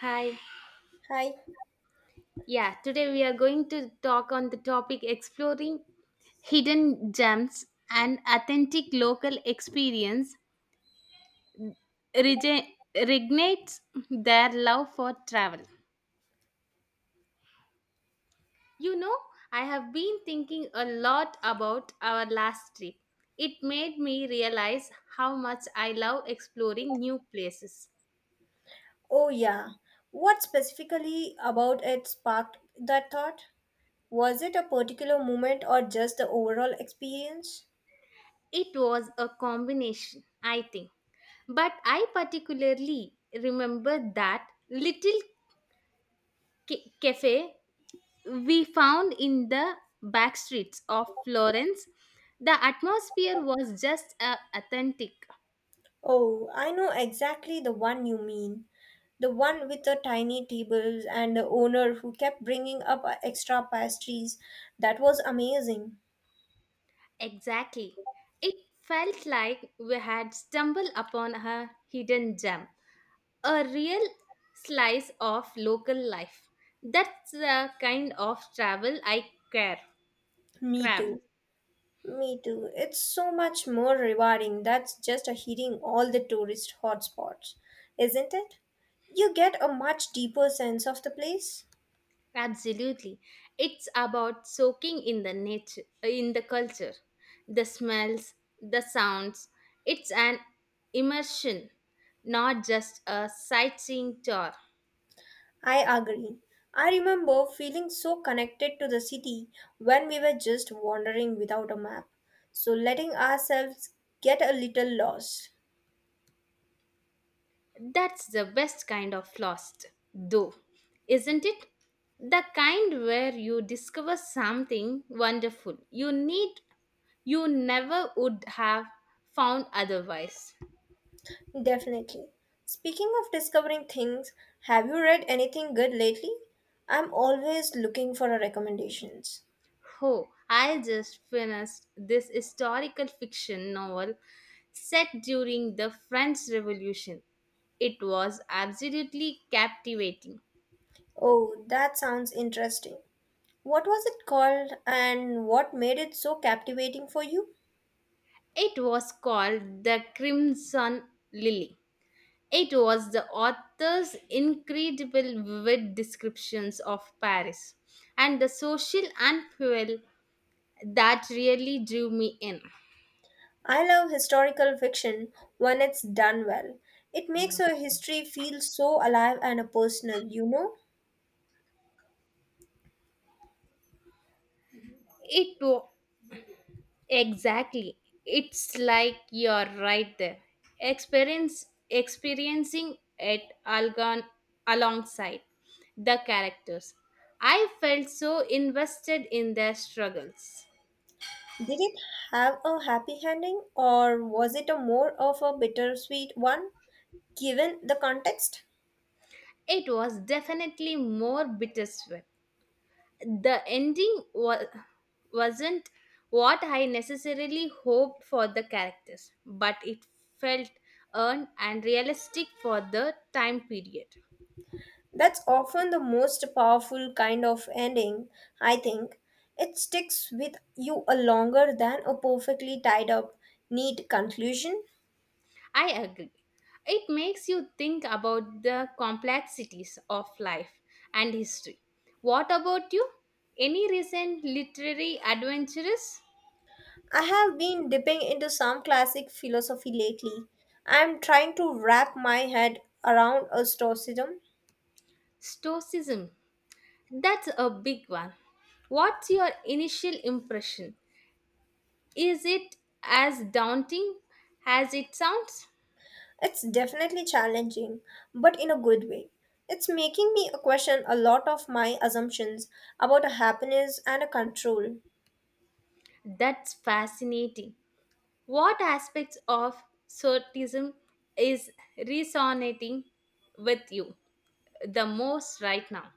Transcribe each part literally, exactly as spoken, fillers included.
Hi. Hi. Yeah, today we are going to talk on the topic exploring hidden gems and authentic local experience rege- reignites their love for travel. You know, I have been thinking a lot about our last trip. It made me realize how much I love exploring new places. Oh, yeah. What specifically about it sparked that thought? Was it a particular moment or just the overall experience? It was a combination, I think. But I particularly remember that little ca- cafe we found in the back streets of Florence, the atmosphere was just uh, authentic. Oh, I know exactly the one you mean. The one with the tiny tables and the owner who kept bringing up uh, extra pastries. That was amazing. Exactly. It felt like we had stumbled upon a hidden gem, a real slice of local life. That's the kind of travel I care, Me crave. too. Me too. It's so much more rewarding that's just a hitting all the tourist hotspots, isn't it? You get a much deeper sense of the place. Absolutely. It's about soaking in the nature, in the culture, the smells, the sounds. It's an immersion, not just a sightseeing tour. I agree. I remember feeling so connected to the city when we were just wandering without a map. So letting ourselves get a little lost. That's the best kind of lost, though, isn't it? The kind where you discover something wonderful you need you never would have found otherwise. Definitely. Speaking of discovering things, have you read anything good lately? I'm always looking for a recommendations. Oh, I just finished this historical fiction novel set during the French Revolution. It was absolutely captivating. Oh, that sounds interesting. What was it called and what made it so captivating for you? It was called The Crimson Lily. It was the author's incredible vivid descriptions of Paris and the social upheaval that really drew me in. I love historical fiction when it's done well. It makes a history feel so alive and uh, personal, you know? It wa- Exactly. It's like you're right there. Experience experiencing it algon alongside the characters. I felt so invested in their struggles. Did it have a happy ending or was it a more of a bittersweet one given the context? It was definitely more bittersweet. The ending was wasn't what I necessarily hoped for the characters, but it felt earned and realistic for the time period. That's often the most powerful kind of ending, I think. It sticks with you a longer than a perfectly tied up, neat conclusion. I agree. It makes you think about the complexities of life and history. What about you? Any recent literary adventures? I have been dipping into some classic philosophy lately. I am trying to wrap my head around a stoicism. Stoicism. That's a big one. What's your initial impression? Is it as daunting as it sounds? It's definitely challenging, but in a good way. It's making me question a lot of my assumptions about happiness and control. That's fascinating. What aspects of Stoicism is resonating with you the most right now?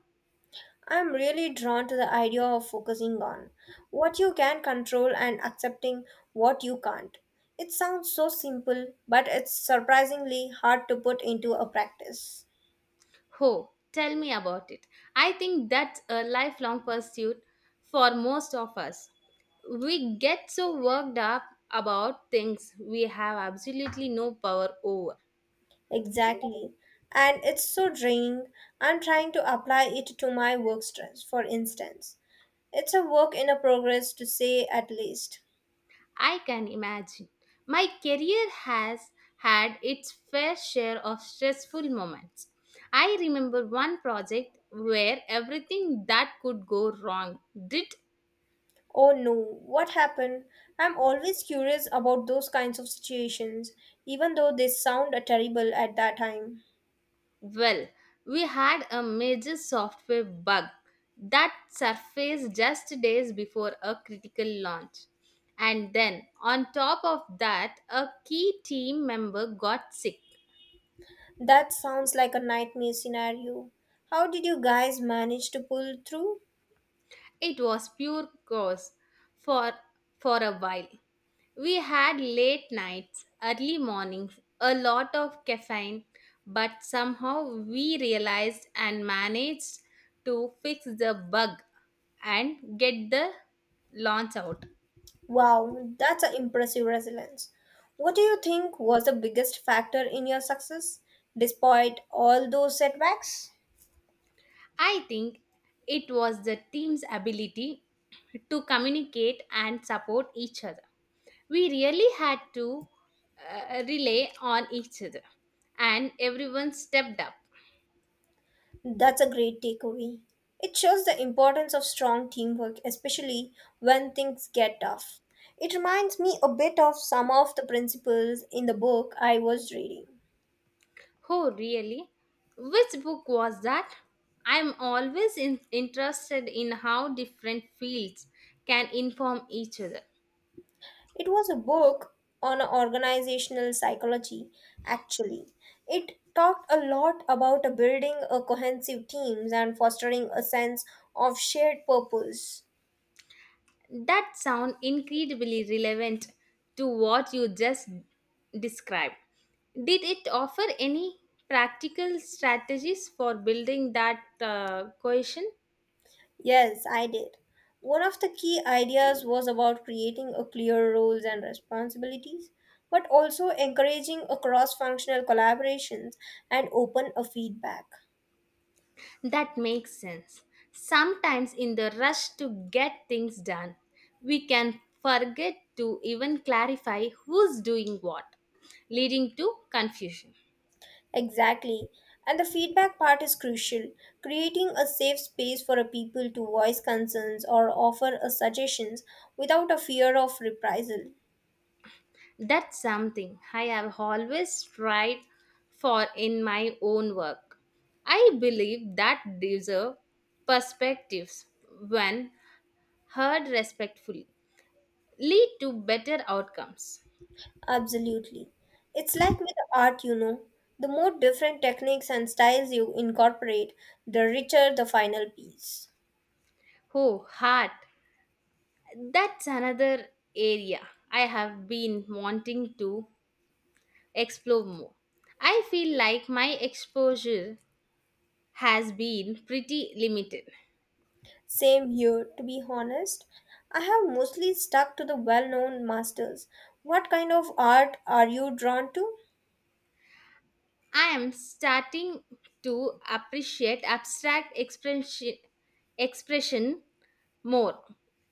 I'm really drawn to the idea of focusing on what you can control and accepting what you can't. It sounds so simple, but it's surprisingly hard to put into a practice. Oh, tell me about it. I think that's a lifelong pursuit for most of us. We get so worked up about things we have absolutely no power over. Exactly. And it's so draining. I'm trying to apply it to my work stress, for instance. It's a work in a progress to say at least. I can imagine. My career has had its fair share of stressful moments. I remember one project where everything that could go wrong did. Oh no, what happened? I'm always curious about those kinds of situations, even though they sound terrible at that time. Well, we had a major software bug that surfaced just days before a critical launch. And then, on top of that, a key team member got sick. That sounds like a nightmare scenario. How did you guys manage to pull through? It was pure chaos for, for a while. We had late nights, early mornings, a lot of caffeine, but somehow we realized and managed to fix the bug and get the launch out. Wow, that's an impressive resilience. What do you think was the biggest factor in your success despite all those setbacks? I think it was the team's ability to communicate and support each other. We really had to uh, rely on each other, and everyone stepped up. That's a great takeaway. It shows the importance of strong teamwork, especially when things get tough. It reminds me a bit of some of the principles in the book I was reading. Oh, really? Which book was that? I'm always in- interested in how different fields can inform each other. It was a book on organizational psychology, actually. It talked a lot about uh, building a cohesive teams and fostering a sense of shared purpose. That sounds incredibly relevant to what you just described. Did it offer any practical strategies for building that uh, cohesion? Yes, I did. One of the key ideas was about creating a clear roles and responsibilities, but also encouraging a cross-functional collaborations and open a feedback. That makes sense. Sometimes, in the rush to get things done, we can forget to even clarify who's doing what, leading to confusion. Exactly. And the feedback part is crucial. Creating a safe space for a people to voice concerns or offer a suggestions without a fear of reprisal. That's something I have always tried for in my own work. I believe that diverse perspectives, when heard respectfully, lead to better outcomes. Absolutely. It's like with art, you know. The more different techniques and styles you incorporate, the richer the final piece. Oh, heart, that's another area I have been wanting to explore more. I feel like my exposure has been pretty limited. Same here, to be honest. I have mostly stuck to the well known masters. What kind of art are you drawn to? I am starting to appreciate abstract expression, expression more.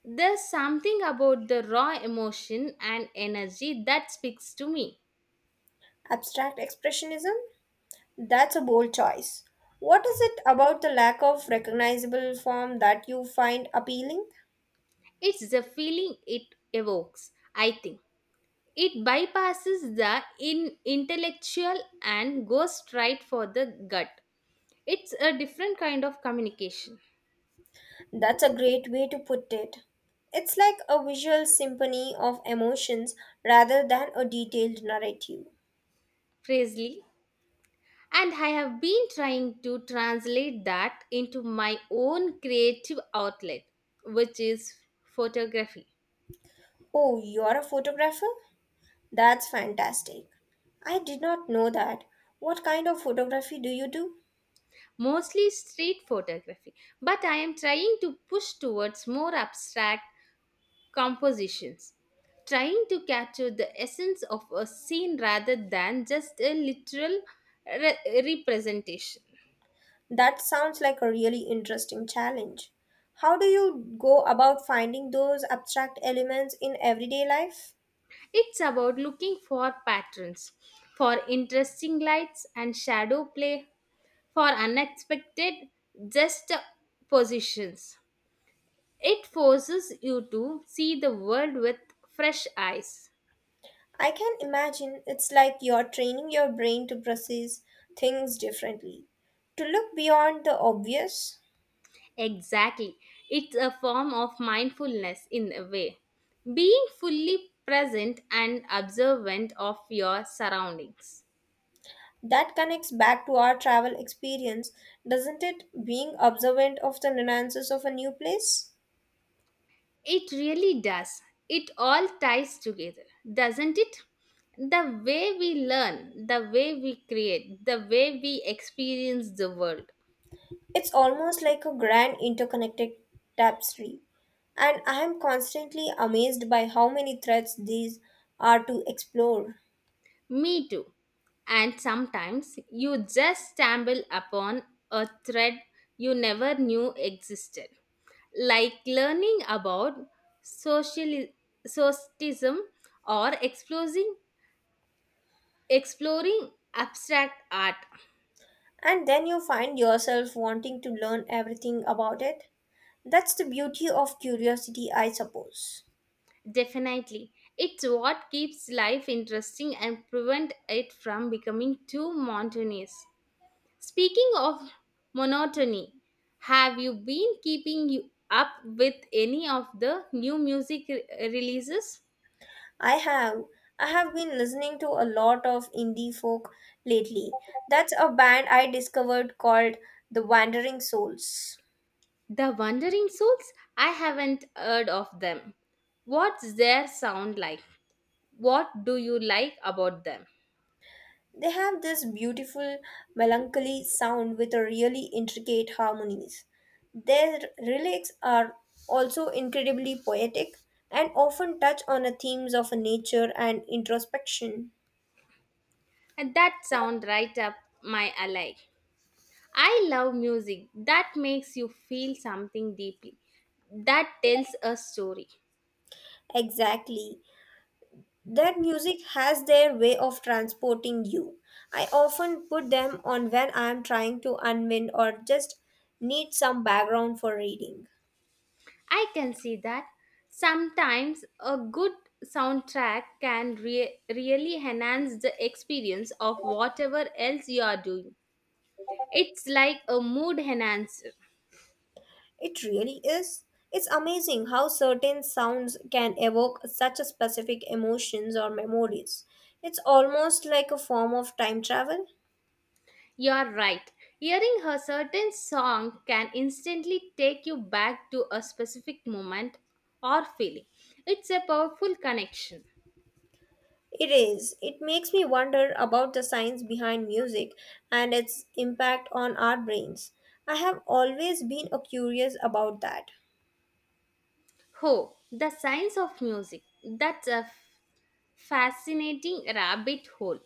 There's something about the raw emotion and energy that speaks to me. Abstract expressionism? That's a bold choice. What is it about the lack of recognizable form that you find appealing? It's the feeling it evokes, I think. It bypasses the in intellectual and goes straight for the gut. It's a different kind of communication, That's a great way to put it. It's like a visual symphony of emotions rather than a detailed narrative. Presley. And I have been trying to translate that into my own creative outlet, which is photography, Oh, you're a photographer? That's fantastic. I did not know that. What kind of photography do you do? mostly street photography. But I am trying to push towards more abstract compositions, trying to capture the essence of a scene rather than just a literal re- representation. That sounds like a really interesting challenge. How do you go about finding those abstract elements in everyday life? It's about looking for patterns, for interesting lights and shadow play, for unexpected just positions. It forces you to see the world with fresh eyes. I can imagine it's like you're training your brain to process things differently, to look beyond the obvious. Exactly. It's a form of mindfulness in a way. Being fully present and observant of your surroundings. That connects back to our travel experience, doesn't it? Being observant of the nuances of a new place. It really does. It all ties together, doesn't it? The way we learn, the way we create, the way we experience the world. It's almost like a grand interconnected tapestry. And I am constantly amazed by how many threads these are to explore. Me too. And sometimes you just stumble upon a thread you never knew existed, like learning about social socialism or exploring exploring abstract art. And then you find yourself wanting to learn everything about it. That's the beauty of curiosity, I suppose. Definitely, it's what keeps life interesting and prevent it from becoming too monotonous. Speaking of monotony, have you been keeping you up with any of the new music re- releases? I have I have been listening to a lot of indie folk lately. That's a band I discovered called The Wandering Souls. The Wandering Souls? I haven't heard of them. What's their sound like? What do you like about them? They have this beautiful melancholy sound with a really intricate harmonies. Their lyrics are also incredibly poetic and often touch on the themes of nature and introspection. And that sound right up my alley. I love music that makes you feel something deeply, that tells a story. Exactly. That music has their way of transporting you. I often put them on when I am trying to unwind or just need some background for reading. I can see that. Sometimes a good soundtrack can re- really enhance the experience of whatever else you are doing. It's like a mood enhancer. It really is. It's amazing how certain sounds can evoke such a specific emotions or memories. It's almost like a form of time travel. You're right. Hearing a certain song can instantly take you back to a specific moment or feeling. It's a powerful connection. It is. It makes me wonder about the science behind music and its impact on our brains. I have always been uh, curious about that. Oh, the science of music. That's a f- fascinating rabbit hole.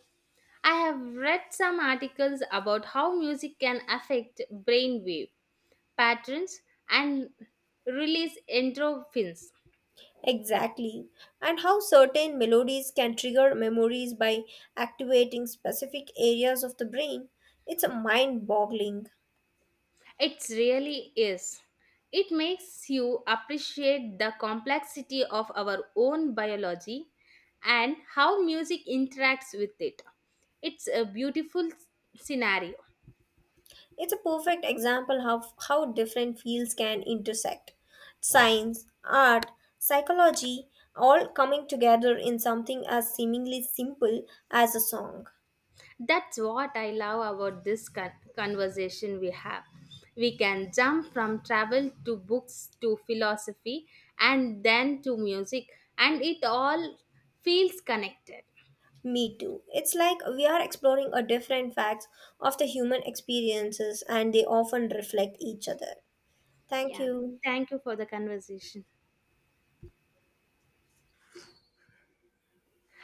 I have read some articles about how music can affect brainwave patterns and release endorphins. Exactly. And how certain melodies can trigger memories by activating specific areas of the brain. It's a mind boggling. It really is. It makes you appreciate the complexity of our own biology and how music interacts with it. It's a beautiful s- scenario. It's a perfect example of how different fields can intersect. Science, art, psychology, all coming together in something as seemingly simple as a song. That's what I love about this con- conversation we have. We can jump from travel to books to philosophy and then to music, and it all feels connected. Me too. It's like we are exploring a different facts of the human experiences and they often reflect each other. Thank Yeah. you. Thank you for the conversation.